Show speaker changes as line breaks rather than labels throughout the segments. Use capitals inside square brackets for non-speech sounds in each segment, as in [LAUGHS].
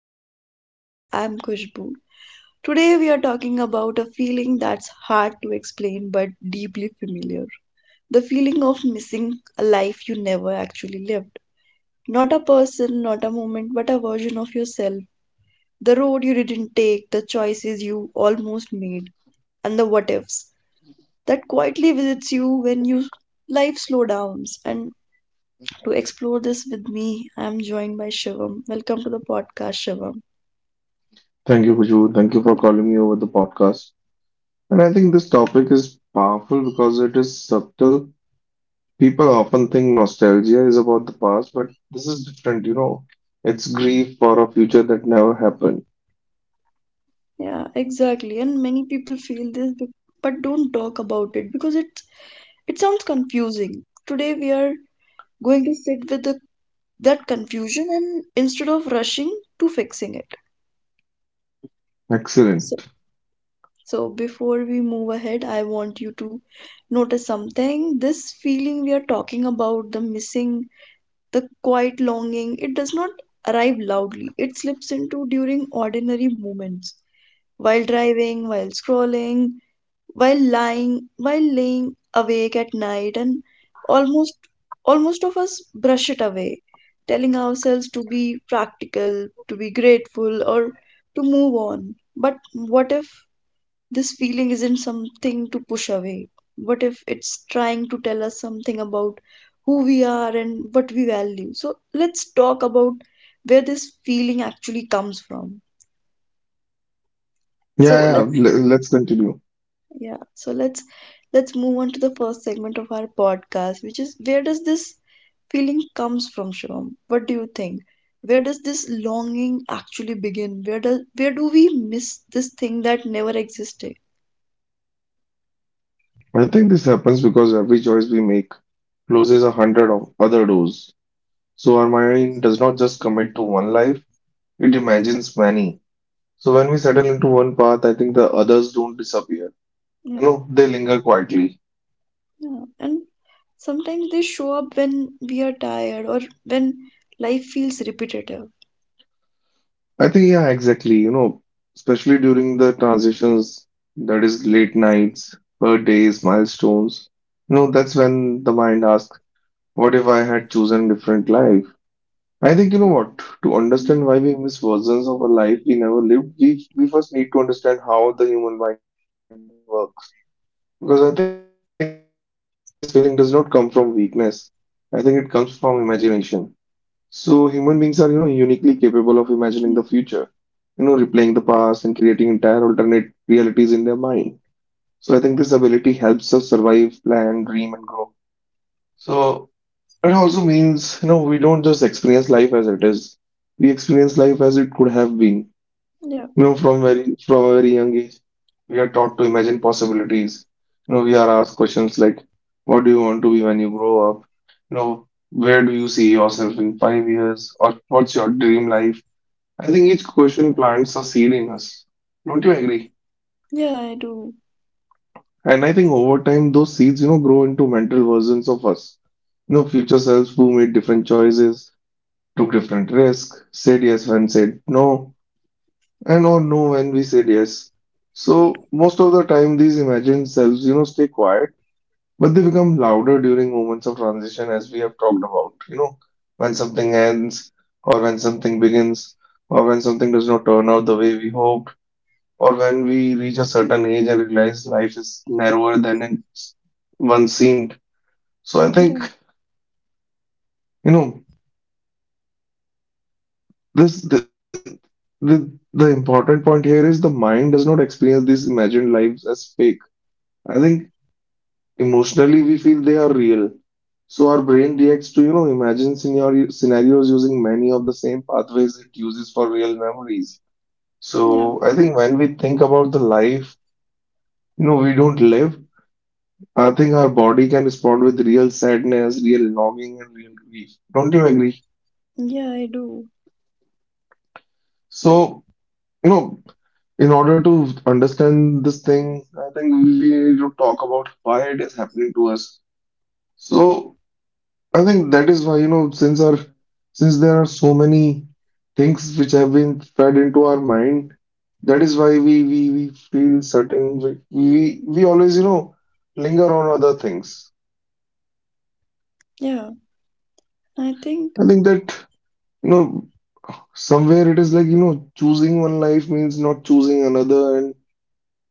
to the podcast. I'm Kushbu. Today we are talking about a feeling that's hard to explain but deeply familiar. The feeling of missing a life you never actually lived. Not a person, not a moment, but a version of yourself. The road you didn't take, the choices you almost made, and the what ifs that quietly visits you when you life slow downs and to explore this with me I'm joined by shivam, welcome to the podcast shivam.
Thank you, Khushbu. Thank you for calling me over the podcast. And I think this topic is powerful because it is subtle. People often think nostalgia is about the past, but this is different. It's grief for a future that never happened.
Yeah, exactly. And many people feel this but don't talk about it because it sounds confusing. Today we are going to sit with that confusion and instead of rushing to fixing it. So,
Excellent.
so before we move ahead, I want you to notice something. This feeling we are talking about, the missing, the quiet longing, it does not arrive loudly. It slips into during ordinary moments, while driving, while scrolling, while lying while laying awake at night and almost almost of us brush it away, telling ourselves to be practical, to be grateful, or to move on. But what if this feeling isn't something to push away? What if it's trying to tell us something about who we are and what we value? So let's talk about where this feeling actually comes from.
Yeah,
So
yeah,
let's
let's continue.
Yeah, so let's move on to the first segment of our podcast, which is where does this feeling comes from, Shivam? What do you think? Where does this longing actually begin? Where do we miss this thing that never existed?
I think this happens because every choice we make closes a hundred of other doors. So our mind does not just commit to one life, it imagines many. So when we settle into one path, I think the others don't disappear.
Yeah,
They linger quietly.
yeah. And sometimes they show up when we are tired or when life feels repetitive.
I think, yeah, exactly, especially during the transitions, that is, late nights, birthdays, milestones, that's when the mind asks, what if I had chosen different life? I think, you know what, to
Mm,
understand why we miss versions of a life we never lived, we first need to understand how the human mind works. Because I think this feeling does not come from weakness, I think it comes from imagination. So human beings are, uniquely capable of imagining the future,
mm.
replaying the past, and creating entire alternate realities in their mind. So I think this ability helps us survive, plan, dream, and grow. So it also means, we don't just experience life as it is. We experience life as it could have been.
Yeah,
From a very young age, we are taught to imagine possibilities. We are asked questions like, what do you want to be when you grow up? Where do you see yourself in 5 years? Or what's your dream life? I think each question plants a seed in us. Don't you agree?
yeah, I do.
And I think over time, those seeds, grow into mental versions of us. Future selves who made different choices, took different risks, said yes when said no, and or no when we said yes. So most of the time, these imagined selves, stay quiet, but they become louder during moments of transition, as we have talked about. When something ends, or when something begins, or when something does not turn out the way we hoped, or when we reach a certain age and realize life is narrower than it once seemed. So I
Yeah,
think, you know, this the important point here is the mind does not experience these imagined lives as fake. I think emotionally we feel they are real. So our brain reacts to, scenarios using many of the same pathways it uses for real memories.
yeah,
So I think when we think about the life we don't live, I think our body can respond with real sadness, real longing, and real grief. Don't you agree?
yeah, I do.
So, you know, in order to understand this thing, I think we need to talk about why it is happening to us. So, I think that is why, since there are so many things which have been fed into our mind, that is why we feel certain, we always, linger on other things.
Yeah, I think,
I think that, you know, somewhere it is like, choosing one life means not choosing another. And,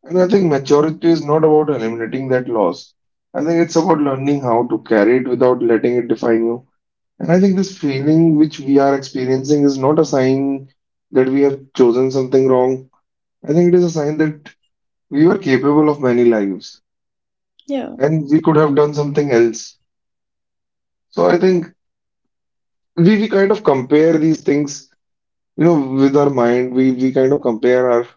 and I think maturity is not about eliminating that loss. I think it's about learning how to carry it without letting it define you. And I think this feeling which we are experiencing is not a sign that we have chosen something wrong. I think it is a sign that we were capable of many lives
yeah,
and we could have done something else. So I think we kind of compare these things. With our mind, we kind of compare our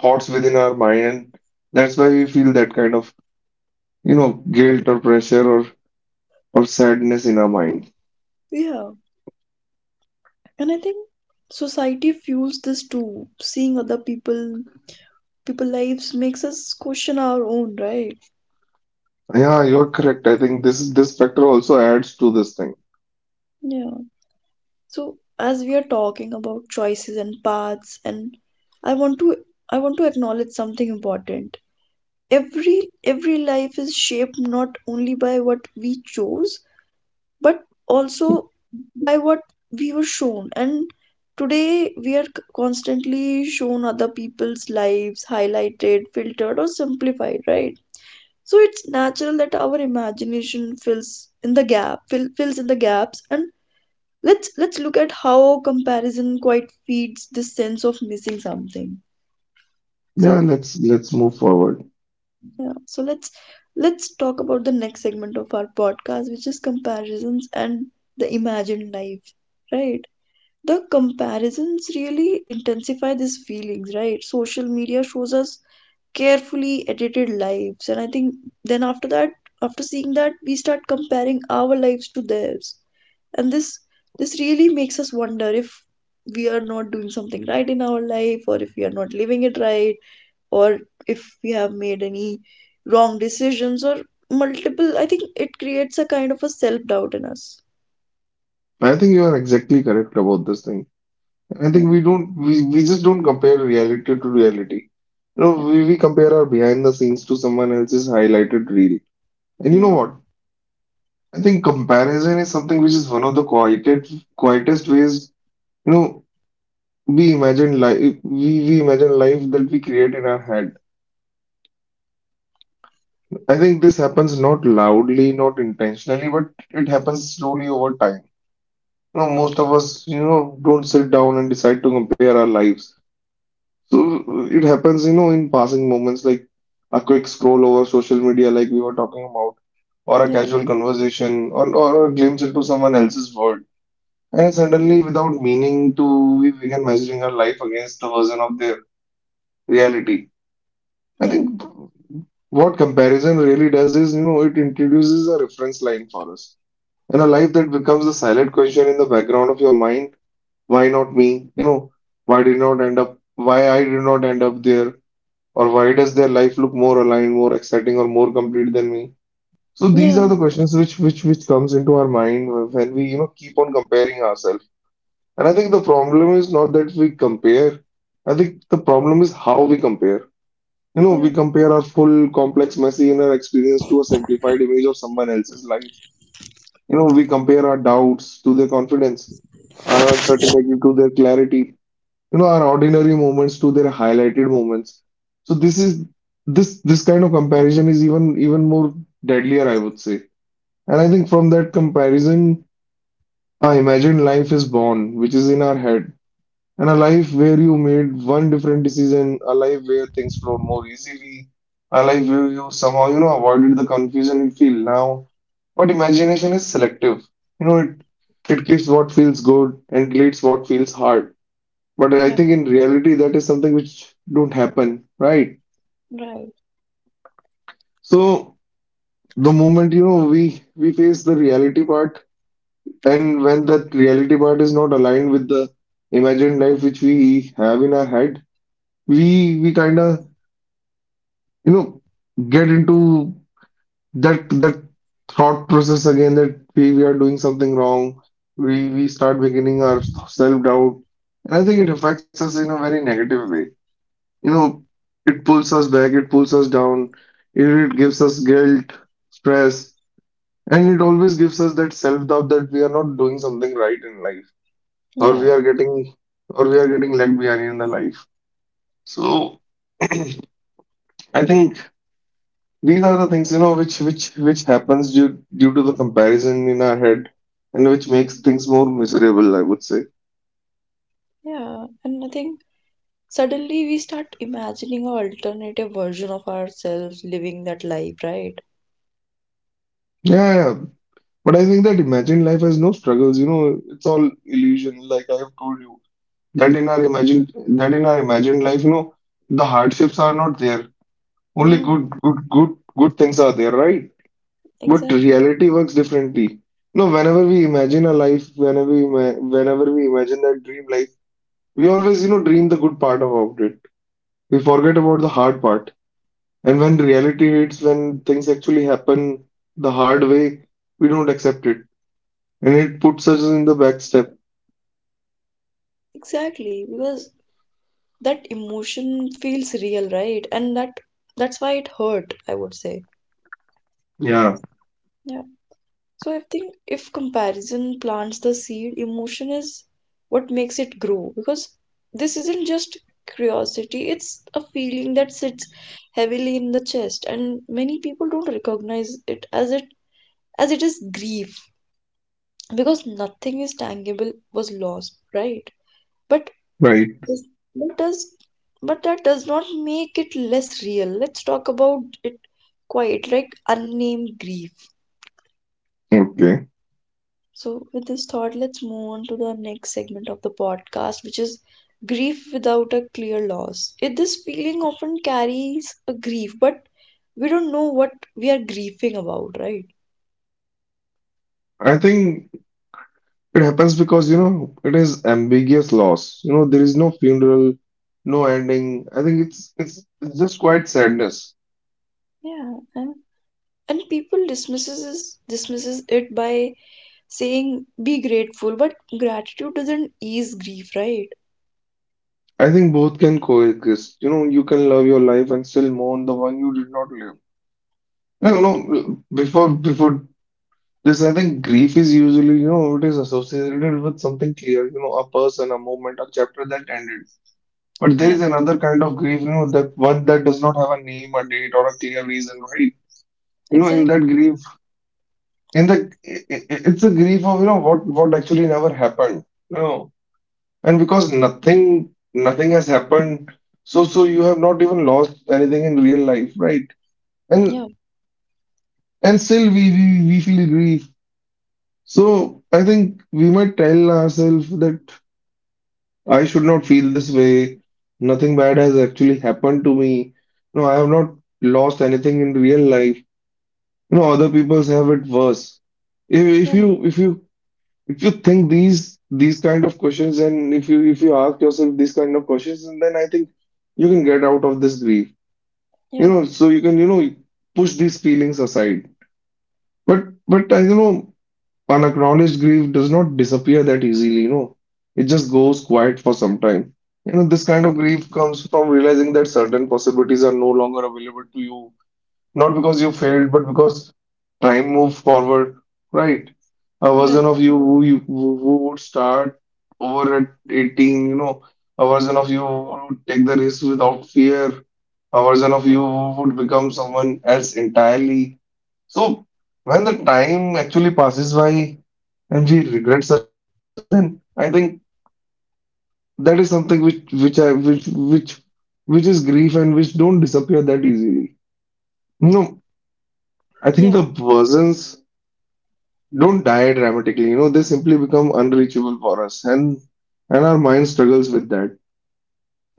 thoughts within our mind, and that's why we feel that kind of, guilt or pressure or sadness in our mind.
yeah. And I think society fuels this too. Seeing other people people lives makes us question our own, right?
Yeah, you're correct. I think this factor also adds to this thing.
Yeah, so as we are talking about choices and paths, and I want to, I want to acknowledge something important. every every life is shaped not only by what we chose, but also by what we were shown. And today we are constantly shown other people's lives, highlighted, filtered, or simplified, right? So it's natural that our imagination fills in the gaps. And let's look at how comparison quite feeds this sense of missing something.
Yeah,
So
let's move forward.
yeah, so let's talk about the next segment of our podcast, which is comparisons and the imagined life, right? The comparisons really intensify these feelings, right? Social media shows us carefully edited lives, and I think then after that, after seeing that, we start comparing our lives to theirs. And this really makes us wonder if we are not doing something right in our life, or if we are not living it right, or if we have made any wrong decisions, or multiple. I think it creates a kind of a self doubt in us.
I think you are exactly correct about this thing. I
Yeah.
think we just don't compare reality to reality. We compare our behind the scenes to someone else's highlighted reel. And you
Yeah.
know what? I think comparison is something which is one of the quietest ways, you know, we imagine life that we create in our head. I think this happens not loudly, not intentionally, but it happens slowly over time. Most of us, don't sit down and decide to compare our lives. So it happens, in passing moments like a quick scroll over social media, like we were talking about, or a
Yeah.
casual conversation, or a glimpse into someone else's world. And suddenly, without meaning to, we begin measuring our life against the version of their reality. I
Yeah.
think what comparison really does is, it introduces a reference line for us. And a life that becomes a silent question in the background of your mind, why not me? Why I did not end up there? Or why does their life look more aligned, more exciting, or more complete than me? So these
Yeah.
are the
Yeah.
questions which comes into our mind when we, keep on comparing ourselves. And I think the problem is not that we compare. I think the problem is how we compare. You know,
Yeah.
we compare our full complex messy inner experience to a simplified image of someone else's life. We compare our doubts to their confidence, our uncertainty to their clarity, our ordinary moments to their highlighted moments. So this kind of comparison is even more deadlier, I would say. And I think from that comparison, our imagined life is born, which is in our head, and a life where you made one different decision, a life where things flow more easily, a life where you somehow, avoided the confusion you feel now. But imagination is selective. You know, it it gives what feels good and deletes what feels hard. But I
Yeah,
think in reality that is something which don't happen, right?
right.
So the moment, we face the reality part, and when that reality part is not aligned with the imagined life which we have in our head, we kinda you know get into that thought process again that we are doing something wrong. We start beginning our self doubt, and I think it affects us in a very negative way. you know it pulls us back, it pulls us down, it gives us guilt, stress, and it always gives us that self doubt that we are not doing something right in life, or
Yeah.
we are getting or we are getting left behind in the life. So [CLEARS THROAT] I think these are the things, which happens due to the comparison in our head, and which
Mm,
makes things more miserable, I would say.
yeah. And I think suddenly we start imagining an alternative version of ourselves living that life, right?
Yeah, yeah. But I think that imagined life has no struggles, it's all illusion, like I have told you that in our imagined life, the hardships are not there, only
Yeah,
good things are there, right? But
exactly.
reality works differently. No, whenever we imagine that dream life, we always, dream the good part about it. We forget about the hard part. And when reality hits, when things actually happen the hard way, we don't accept it. And it puts us in the back step.
Exactly, because that emotion feels real, right? And that That's why it hurt, I would say.
Yeah,
Yeah. So I think if comparison plants the seed, emotion is what makes it grow, because this isn't just curiosity, it's a feeling that sits heavily in the chest, and many people don't recognize it as it is grief, because nothing is tangible was lost, right? But
right.
this, but does but that does not make it less real. Let's talk about it quite like unnamed grief.
Okay.
So with this thought, let's move on to the next segment of the podcast, which is grief without a clear loss. This feeling often carries a grief, but we don't know what we are grieving about, right?
I think it happens because, it is ambiguous loss. There is no funeral, no ending. I think it's just quite sadness.
Yeah, and people dismisses it by saying be grateful, but gratitude doesn't ease grief, right?
I think both can coexist. You can love your life and still mourn the one you did not live. I don't know. Before this, I think grief is usually, it is associated with something clear, a person, a moment, a chapter that ended. But there
Yeah,
is another kind of grief, that one that does not have a name, a date, or a clear reason, right? In that
exactly.
grief, in the, I- it's a grief of, what actually never happened. No. And because nothing has happened, so you have not even lost anything in real life, right? And,
Yeah.
and still we feel grief. So I think we might tell ourselves that. I should not feel this way. Nothing bad has actually happened to me. No, I have not lost anything in real life. Other people's have it worse. If, if
Yeah.
you if you if you think these kind of questions, and if you ask yourself these kind of questions, and then I think you can get out of this grief. You
Yeah,
know, so you can push these feelings aside. But I you know unacknowledged grief does not disappear that easily, you know. It just goes quiet for some time. You know, this kind of grief comes from realizing that certain possibilities are no longer available to you, not because you failed, but because time moved forward, right? A version
right.
of you who would start over at 18, you know, a version of you who would take the risk without fear, a version of you who would become someone else entirely. So when the time actually passes by and we regret such kind of things, then I think that is something which which is grief and which don't disappear that easily. No, I think
Yeah.
the persons don't die dramatically. You know, they simply become unreachable for us, and our mind struggles with that.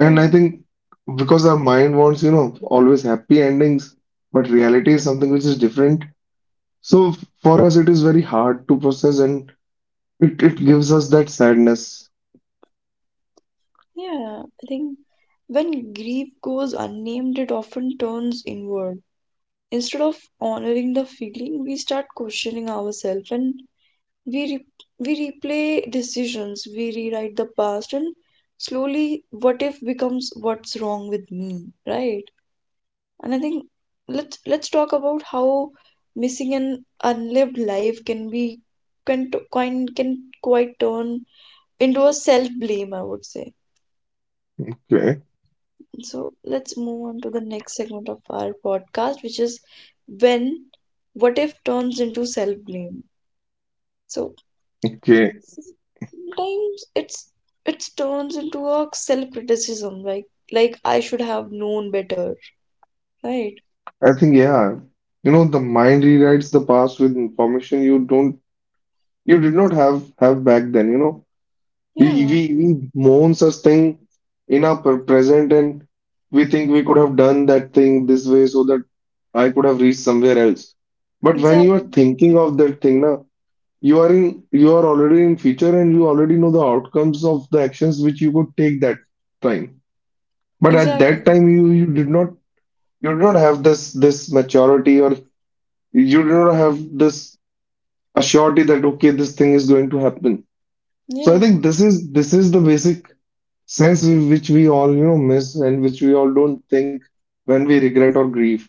And I think because our mind wants, you know, always happy endings, but reality is something which is different. So for us, it is very hard to process and it gives us that sadness.
Yeah, I think when grief goes unnamed, it often turns inward. Instead of honoring the feeling, we start questioning ourselves, and we replay decisions, we rewrite the past, and slowly what if becomes what's wrong with me, right? And I think let's talk about how missing an unlived life can be, can quite turn into a self blame, I would say.
Okay.
So let's move on to the next segment of our podcast, which is when what if turns into self blame. So
Okay.
sometimes it turns into a self criticism, like I should have known better, right?
I think yeah. You know, the mind rewrites the past with information you did not have back then, you know. We
Yeah,
we we mourn such thing in our present, and we think we could have done that thing this way so that I could have reached somewhere else. But when you are
exactly.
thinking of that thing now, you are already in future and you already know the outcomes of the actions which you could take that time. But at that
Exactly.
time, you do not have this maturity or you do not have this assurity that okay, this thing is going to happen. So I
Yeah.
think this is the basic sense in which we all, you know, miss and which we all don't think when we regret or grieve.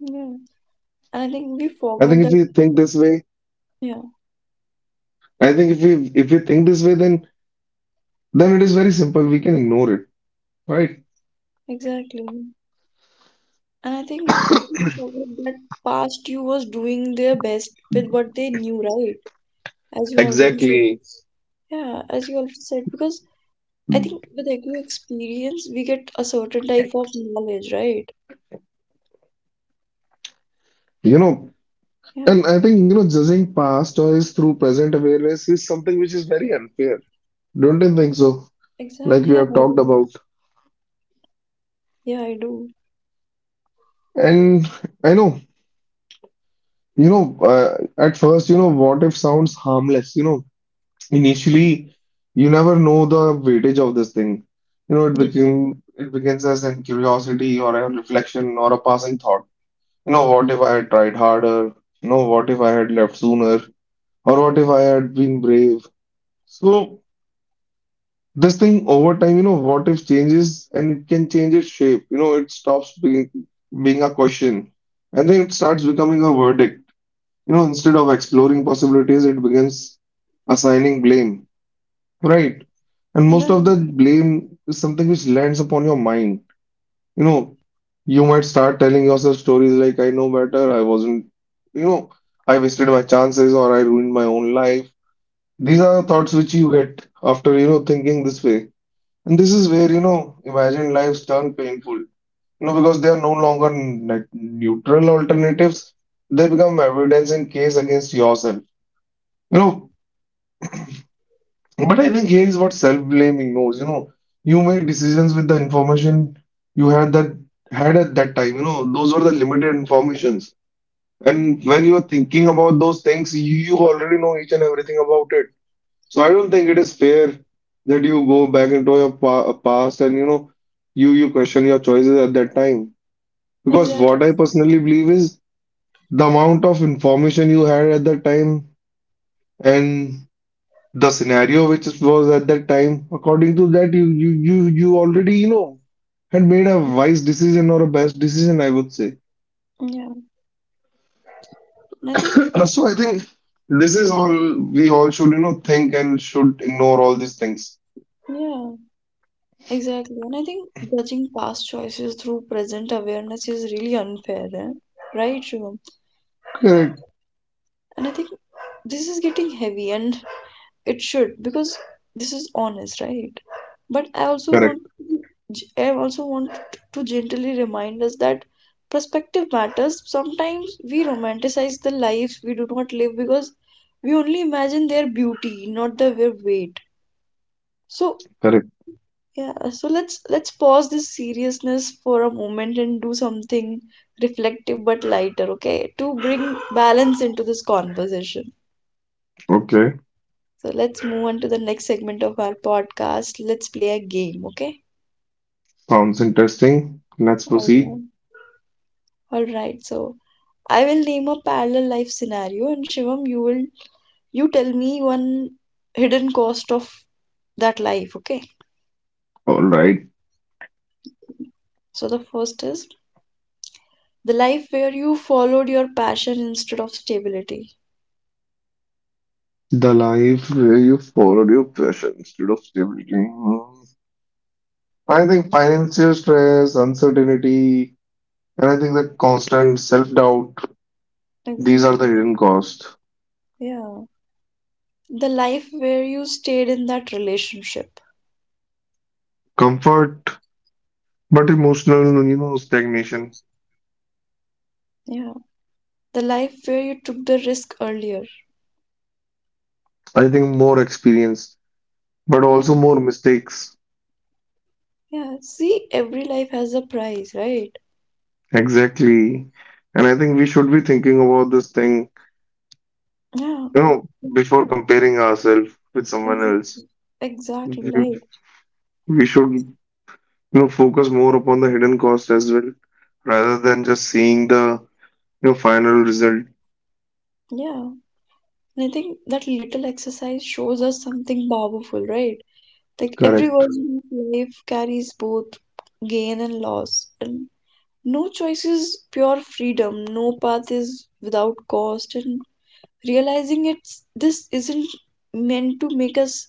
Yeah. And I think
I
we
think if we
forgot that,
think this way,
yeah,
I think if we think this way, then it is very simple, we can ignore it, right?
exactly. And I think we forgot that past you was doing their best with what they knew, right? As you already said.
Exactly.
Yeah, as you already said, because I think with every experience we get a certain type of knowledge, right?
You know,
Yeah,
and I think, you know, judging past or is through present awareness is something which is very unfair, don't you think so, like
exactly.
we
Yeah,
have
I
talked
do.
about.
Yeah, I do.
And I know, you know, at first, you know, what if sounds harmless? You know, initially, you never know the weightage of this thing. You know,
Yeah.
it begins as a curiosity or a reflection or a passing thought. You know, what if I had tried harder? You know, what if I had left sooner? Or what if I had been brave? So this thing over time, you know, what if changes and it can change its shape. You know, it stops being a question and then it starts becoming a verdict. You know, instead of exploring possibilities, it begins assigning blame, right? And most of
Right.
the blame is something which lands upon your mind. You know, you might start telling yourself stories like, I know better, I wasn't, you know, I wasted my chances or I ruined my own life. These are the thoughts which you get after, you know, thinking this way. And this is where, you know, imagined lives turn painful, you know, because they are no longer like neutral alternatives. They become evidence in case against yourself, you know. But I think here is what self-blaming knows, you know. You made decisions with the information you had that had at that time, you know. Those were the limited informations. And when you are thinking about those things, you already know each and everything about it. So I don't think it is fair that you go back into your past and, you know, you question your choices at that time. Because what
Exactly.
I personally believe is the amount of information you had at that time and the scenario which was at that time, according to that, you already, you know, had made a wise decision or a best decision, I would say.
Yeah. And I think,
[COUGHS] So I think this is all we all should, you know, think and should ignore all these things.
yeah. Exactly. And I think judging past choices through present awareness is really unfair, eh, right, Shivam?
Correct,
And I think this is getting heavy, and it should, because this is honest, right? But
correct,
I also want to gently remind us that perspective matters. Sometimes we romanticize the lives we do not live because we only imagine their beauty, not their weight. So
correct.
yeah, so let's, pause this seriousness for a moment and do something reflective but lighter, okay? To bring balance into this conversation.
Okay.
So let's move on to the next segment of our podcast. Let's play a game, okay?
Sounds interesting. Let's
All
proceed.
right. All right. So I will name a parallel life scenario, and Shivam, you tell me one hidden cost of that life, okay?
All right.
So the first is the life where you followed your passion instead of stability.
The life where you followed your passion instead of stability. Hmm. I think financial stress, uncertainty, and I think the constant self-doubt, these are the
Exactly.
hidden cost.
Yeah. The life where you stayed in that relationship.
Comfort, but emotional, you know, stagnation.
Yeah. The life where you took the risk earlier.
I think more experience, but
Yeah.
also more mistakes.
Yeah, see every life has a price, right?
Exactly. And I think we should be thinking about this thing,
Yeah,
you know, before comparing ourselves with someone else,
exactly. Exactly, right.
we should, you know, focus more upon the hidden cost as well, rather than just seeing the, you know, final result.
Yeah. And I think that little exercise shows us something powerful, right? Like every
Correct.
version of life carries both gain and loss, and no choice is pure freedom, no path is without cost. And realizing it's this isn't meant to make us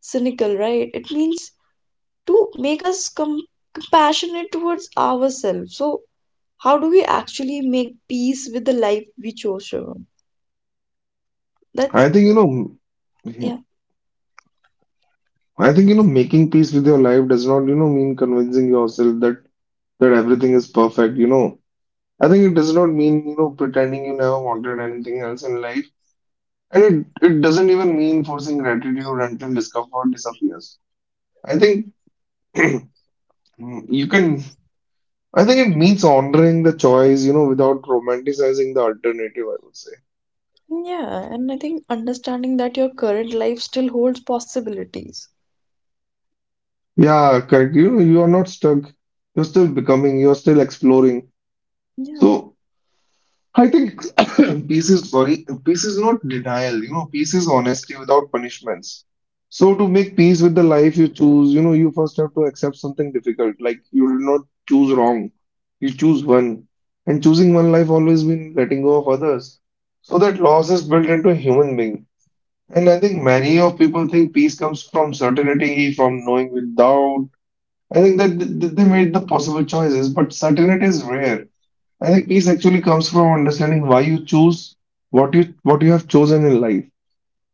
cynical, right? It means to make us compassionate towards ourselves. So how do we actually make peace with the life we chose, Shivam? That's,
I think, you know, yeah,
yeah,
I think, you know, making peace with your life does not, you know, mean convincing yourself that everything is perfect, you know. I think it does not mean, you know, pretending you never wanted anything else in life, and it doesn't even mean forcing gratitude until discomfort disappears. I think [CLEARS THROAT] you can, I think it means honoring the choice, you know, without romanticizing the alternative, I would say.
yeah. And I think understanding that your current life still holds possibilities.
Yeah, correct. You are not stuck. You're still becoming, you're still exploring.
Yeah.
So I think [COUGHS] peace is not denial, you know, peace is honesty without punishments. So to make peace with the life you choose, you know, you first have to accept something difficult. Like you will not choose wrong. You choose one. And choosing one life always means letting go of others. So that loss is built into a human being. And I think many of people think peace comes from certainty, from knowing without. I think that they made the possible choices, but certainty is rare. I think peace actually comes from understanding why you choose what you have chosen in life.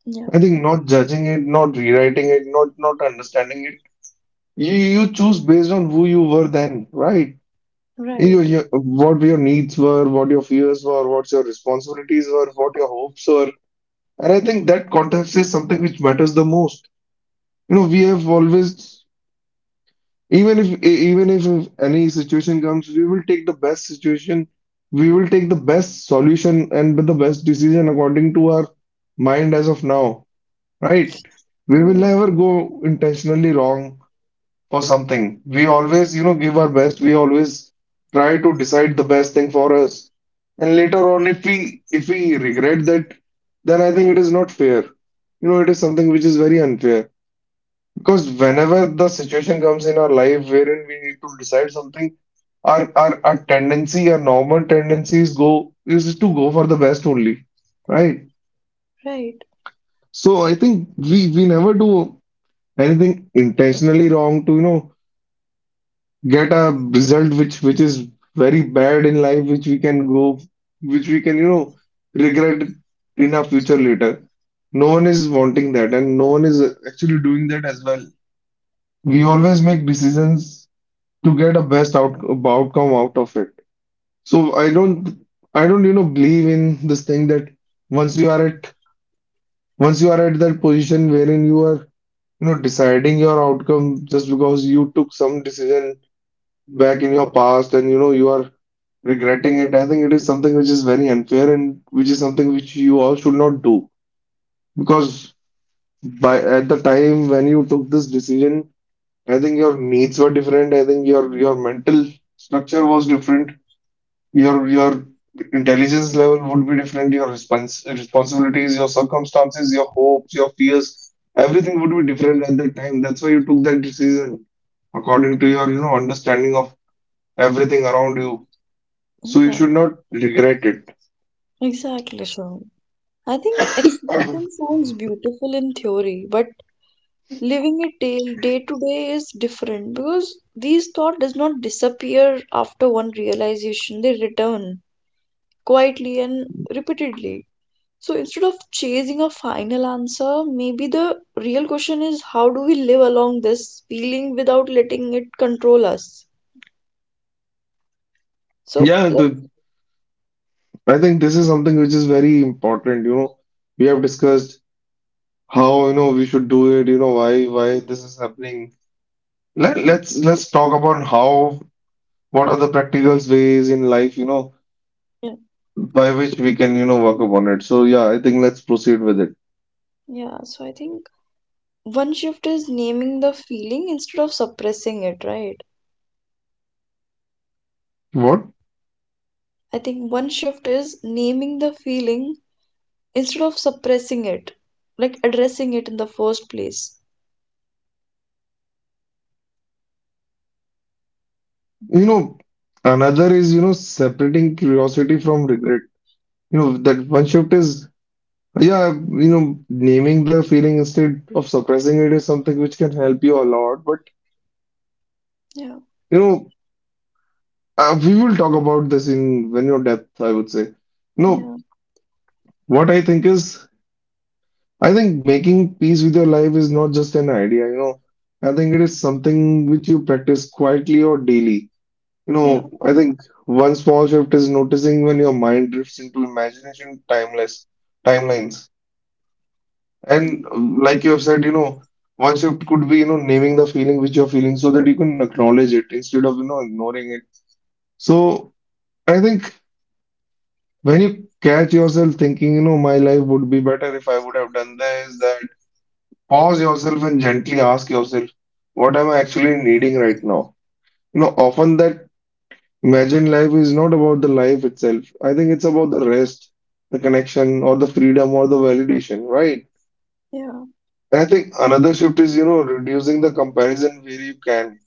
Yeah,
I think not judging it, not rewriting it, not understanding it. You, choose based on who you were then, right?
right.
What your needs were, what your fears were, what your responsibilities were, what your hopes were. And I think that context is something which matters the most. You know, we have always, even if any situation comes, we will take the best situation, we will take the best solution and with the best decision according to our mind as of now, right? We will
Yeah,
never go intentionally wrong for something. We always, you know, give our best. We always try to decide the best thing for us. And later on, if we regret that, then I think it is not fair. You know, it is something which is very unfair. Because whenever the situation comes in our life wherein we need to decide something, our tendency, our normal tendencies go is to go for the best only, right?
right.
So I think we never do anything intentionally wrong to, you know, get a result which is very bad in life, which we can go, which we can, you know, regret in our future later. No one is wanting that, and no one is actually doing that as well. We always make decisions to get a best outcome out of it. So I don't, you know, believe in this thing that once you are at once you are at that position wherein you are, you know, deciding your outcome just because you took some decision back in your past and, you know, you are regretting it. I think it is something which is very unfair and which is something which you all should not do because by at the time when you took this decision, I think your needs were different. I think your mental structure was different, your intelligence level would be different, your responsibilities, your circumstances, your hopes, your fears, everything would be different at that time, that's why you took that decision according to your, you know, understanding of everything around you, so you
Yeah.
should not regret it.
Exactly, Sean. I think acceptance sounds beautiful in theory, but living it day to day is different, because these thought does not disappear after one realization. They return quietly and repeatedly. So instead of chasing a final answer, maybe the real question is how do we live along this feeling without letting it control us? So
yeah
let's,
the, I think this is something which is very important, you know. We have discussed how, you know, we should do it, you know, why this is happening.
yeah,
Let's talk about how, what are the practical ways in life, you know,
yeah,
by which we can, you know, work upon it. So yeah, I think let's proceed with it.
yeah. So I think one shift is naming the feeling instead of suppressing it, right?
What?
I think one shift is naming the feeling instead of suppressing it, like addressing it in the first place.
You know, another is, you know, separating curiosity from regret. You know, that one shift is, yeah, you know, naming the feeling instead of suppressing it is something which can help you a lot. But,
Yeah.
you know, we will talk about this in when you're depth, I would say. No,
Yeah.
what I think is, I think making peace with your life is not just an idea, I think it is something which you practice quietly or daily. You
Yeah.
know, I think one small shift is noticing when your mind drifts into imagination timeless timelines. And Like you have said, you know, one shift could be, you know, naming the feeling which you're feeling so that you can acknowledge it instead of, you know, ignoring it. So I think when you catch yourself thinking, you know, my life would be better if I would have done this, that, pause yourself and gently ask yourself, what am I actually needing right now? You know, often that Imagine life is not about the life itself. I think it's about the rest, the connection, or the freedom, or the validation, right?
Yeah.
And I think another shift is, you know, reducing the comparison where you can,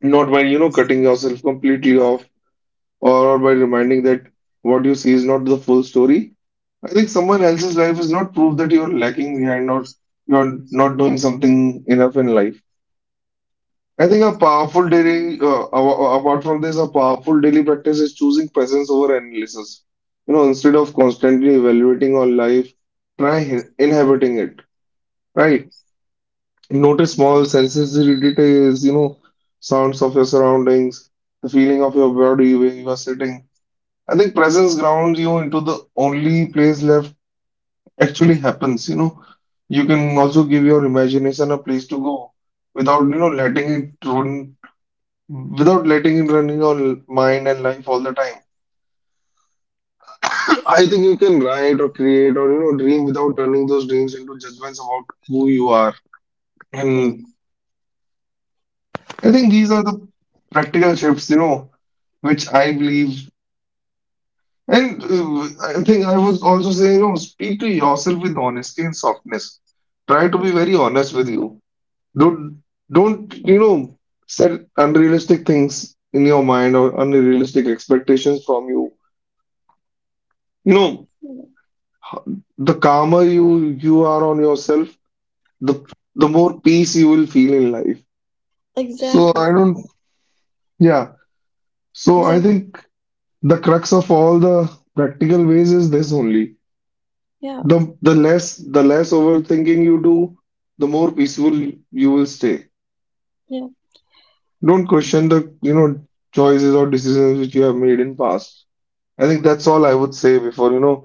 not by, you know, cutting yourself completely off or by reminding that what you see is not the full story. I think someone else's life is not proof that you're lacking behind or you're not doing something enough in life. I think a powerful apart from this, a powerful daily practice is choosing presence over analysis. You know, instead of constantly evaluating our life, try inhabiting it, right? Notice small sensory details, you know, sounds of your surroundings, the feeling of your body where you are sitting. I think presence grounds you into the only place left actually happens, you know. You can also give your imagination a place to go without, you know, letting it run without letting it run in your mind and life all the time. [COUGHS] [LAUGHS] I think you can write or create or you know dream without turning those dreams into judgments about who you are.
Yeah.
And I think these are the practical shifts, you know, which I believe. And I think I was also saying, you know, speak to yourself with honesty and softness. Try to be very honest with you. Don't don't you know set unrealistic things in your mind or unrealistic expectations from you. You know,
Yeah.
the calmer you are on yourself, the the more peace you will feel in life, so
Exactly.
I don't yeah so I
Exactly.
think the crux of all the practical ways is this only.
Yeah.
The the less the less overthinking you do, the more peaceful you will stay.
Yeah.
Don't question the, you know, choices or decisions which you have made in past. I think that's all I would say before, you know,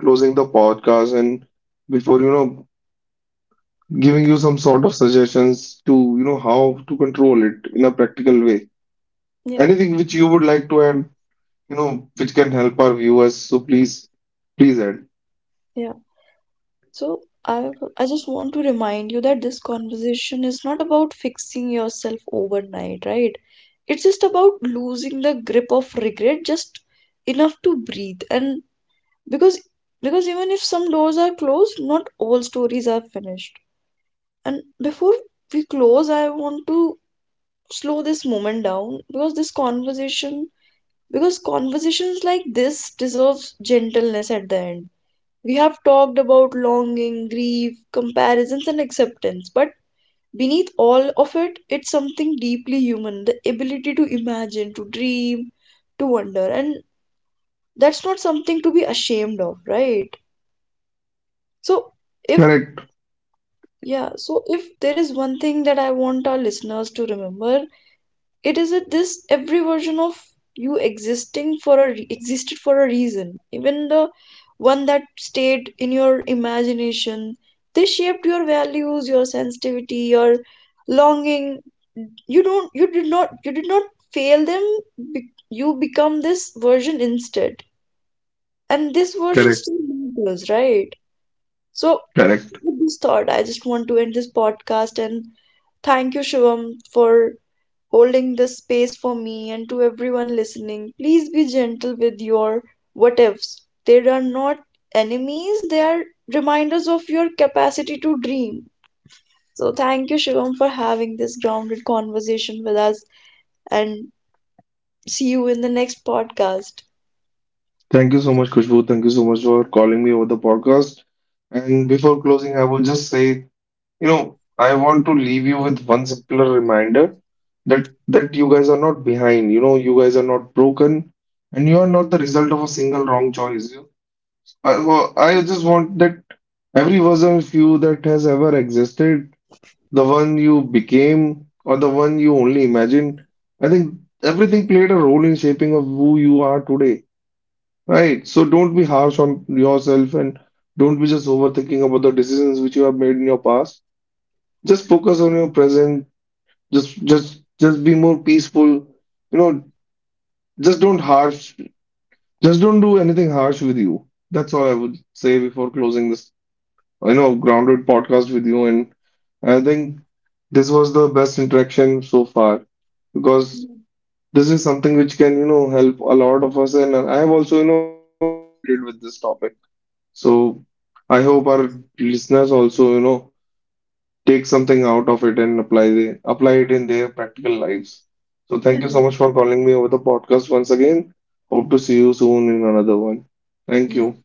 closing the podcast and before, you know, giving you some sort of suggestions to, you know, how to control it in a practical way.
Yeah.
Anything which you would like to add, you know, which can help our viewers, so please, please add.
Yeah. So I just want to remind you that this conversation is not about fixing yourself overnight, right? It's just about losing the grip of regret just enough to breathe. And because because even if some doors are closed, not all stories are finished. And before we close, I want to slow this moment down, because this conversation because conversations like this deserves gentleness at the end. We have talked about longing, grief, comparisons, and acceptance, but beneath all of it, it's something deeply human, the ability to imagine, to dream, to wonder. And that's not something to be ashamed of, right? So, if,
Correct,
yeah, so if there is one thing that I want our listeners to remember, it is a, this every version of you existing for a re- existed for a reason, even the one that stayed in your imagination. They shaped your values, your sensitivity, your longing. You don't you did not fail them. You become this version instead, and this version
correct,
still matters, right? So
correct.
with this thought I just want to end this podcast, and thank you shivam for holding this space for me, and to everyone listening, please be gentle with your what ifs. They are not enemies, they are reminders of your capacity to dream. So, thank you, Shivam, for having this grounded conversation with us, and see you in the next podcast.
Thank you so much, Kushbu, thank you so much for calling me over the podcast, and before closing I will just say, you know, I want to leave you with one simpler reminder, that you guys are not behind, you know, you guys are not broken, and you are not the result of a single wrong choice. I just want that every version of you that has ever existed, the one you became or the one you only imagined, I think everything played a role in shaping of who you are today, right? So don't be harsh on yourself, and don't be just overthinking about the decisions which you have made in your past. Just focus on your present. Just be more peaceful. You know, just don't harsh. Just don't do anything harsh with you. That's all I would say before closing this, you know, grounded podcast with you, and I think this was the best interaction so far because this is something which can, you know, help a lot of us, and I have also, you know, personally related with this topic. So I hope our listeners also, you know, take something out of it and apply it in their practical lives. So
Yeah,
thank you so much for calling me over the podcast once again. Hope to see you soon in another one. Thank
yeah.
you.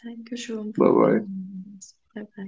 Thank you, Shivam, for
Bye
being
bye.
on this. Bye bye.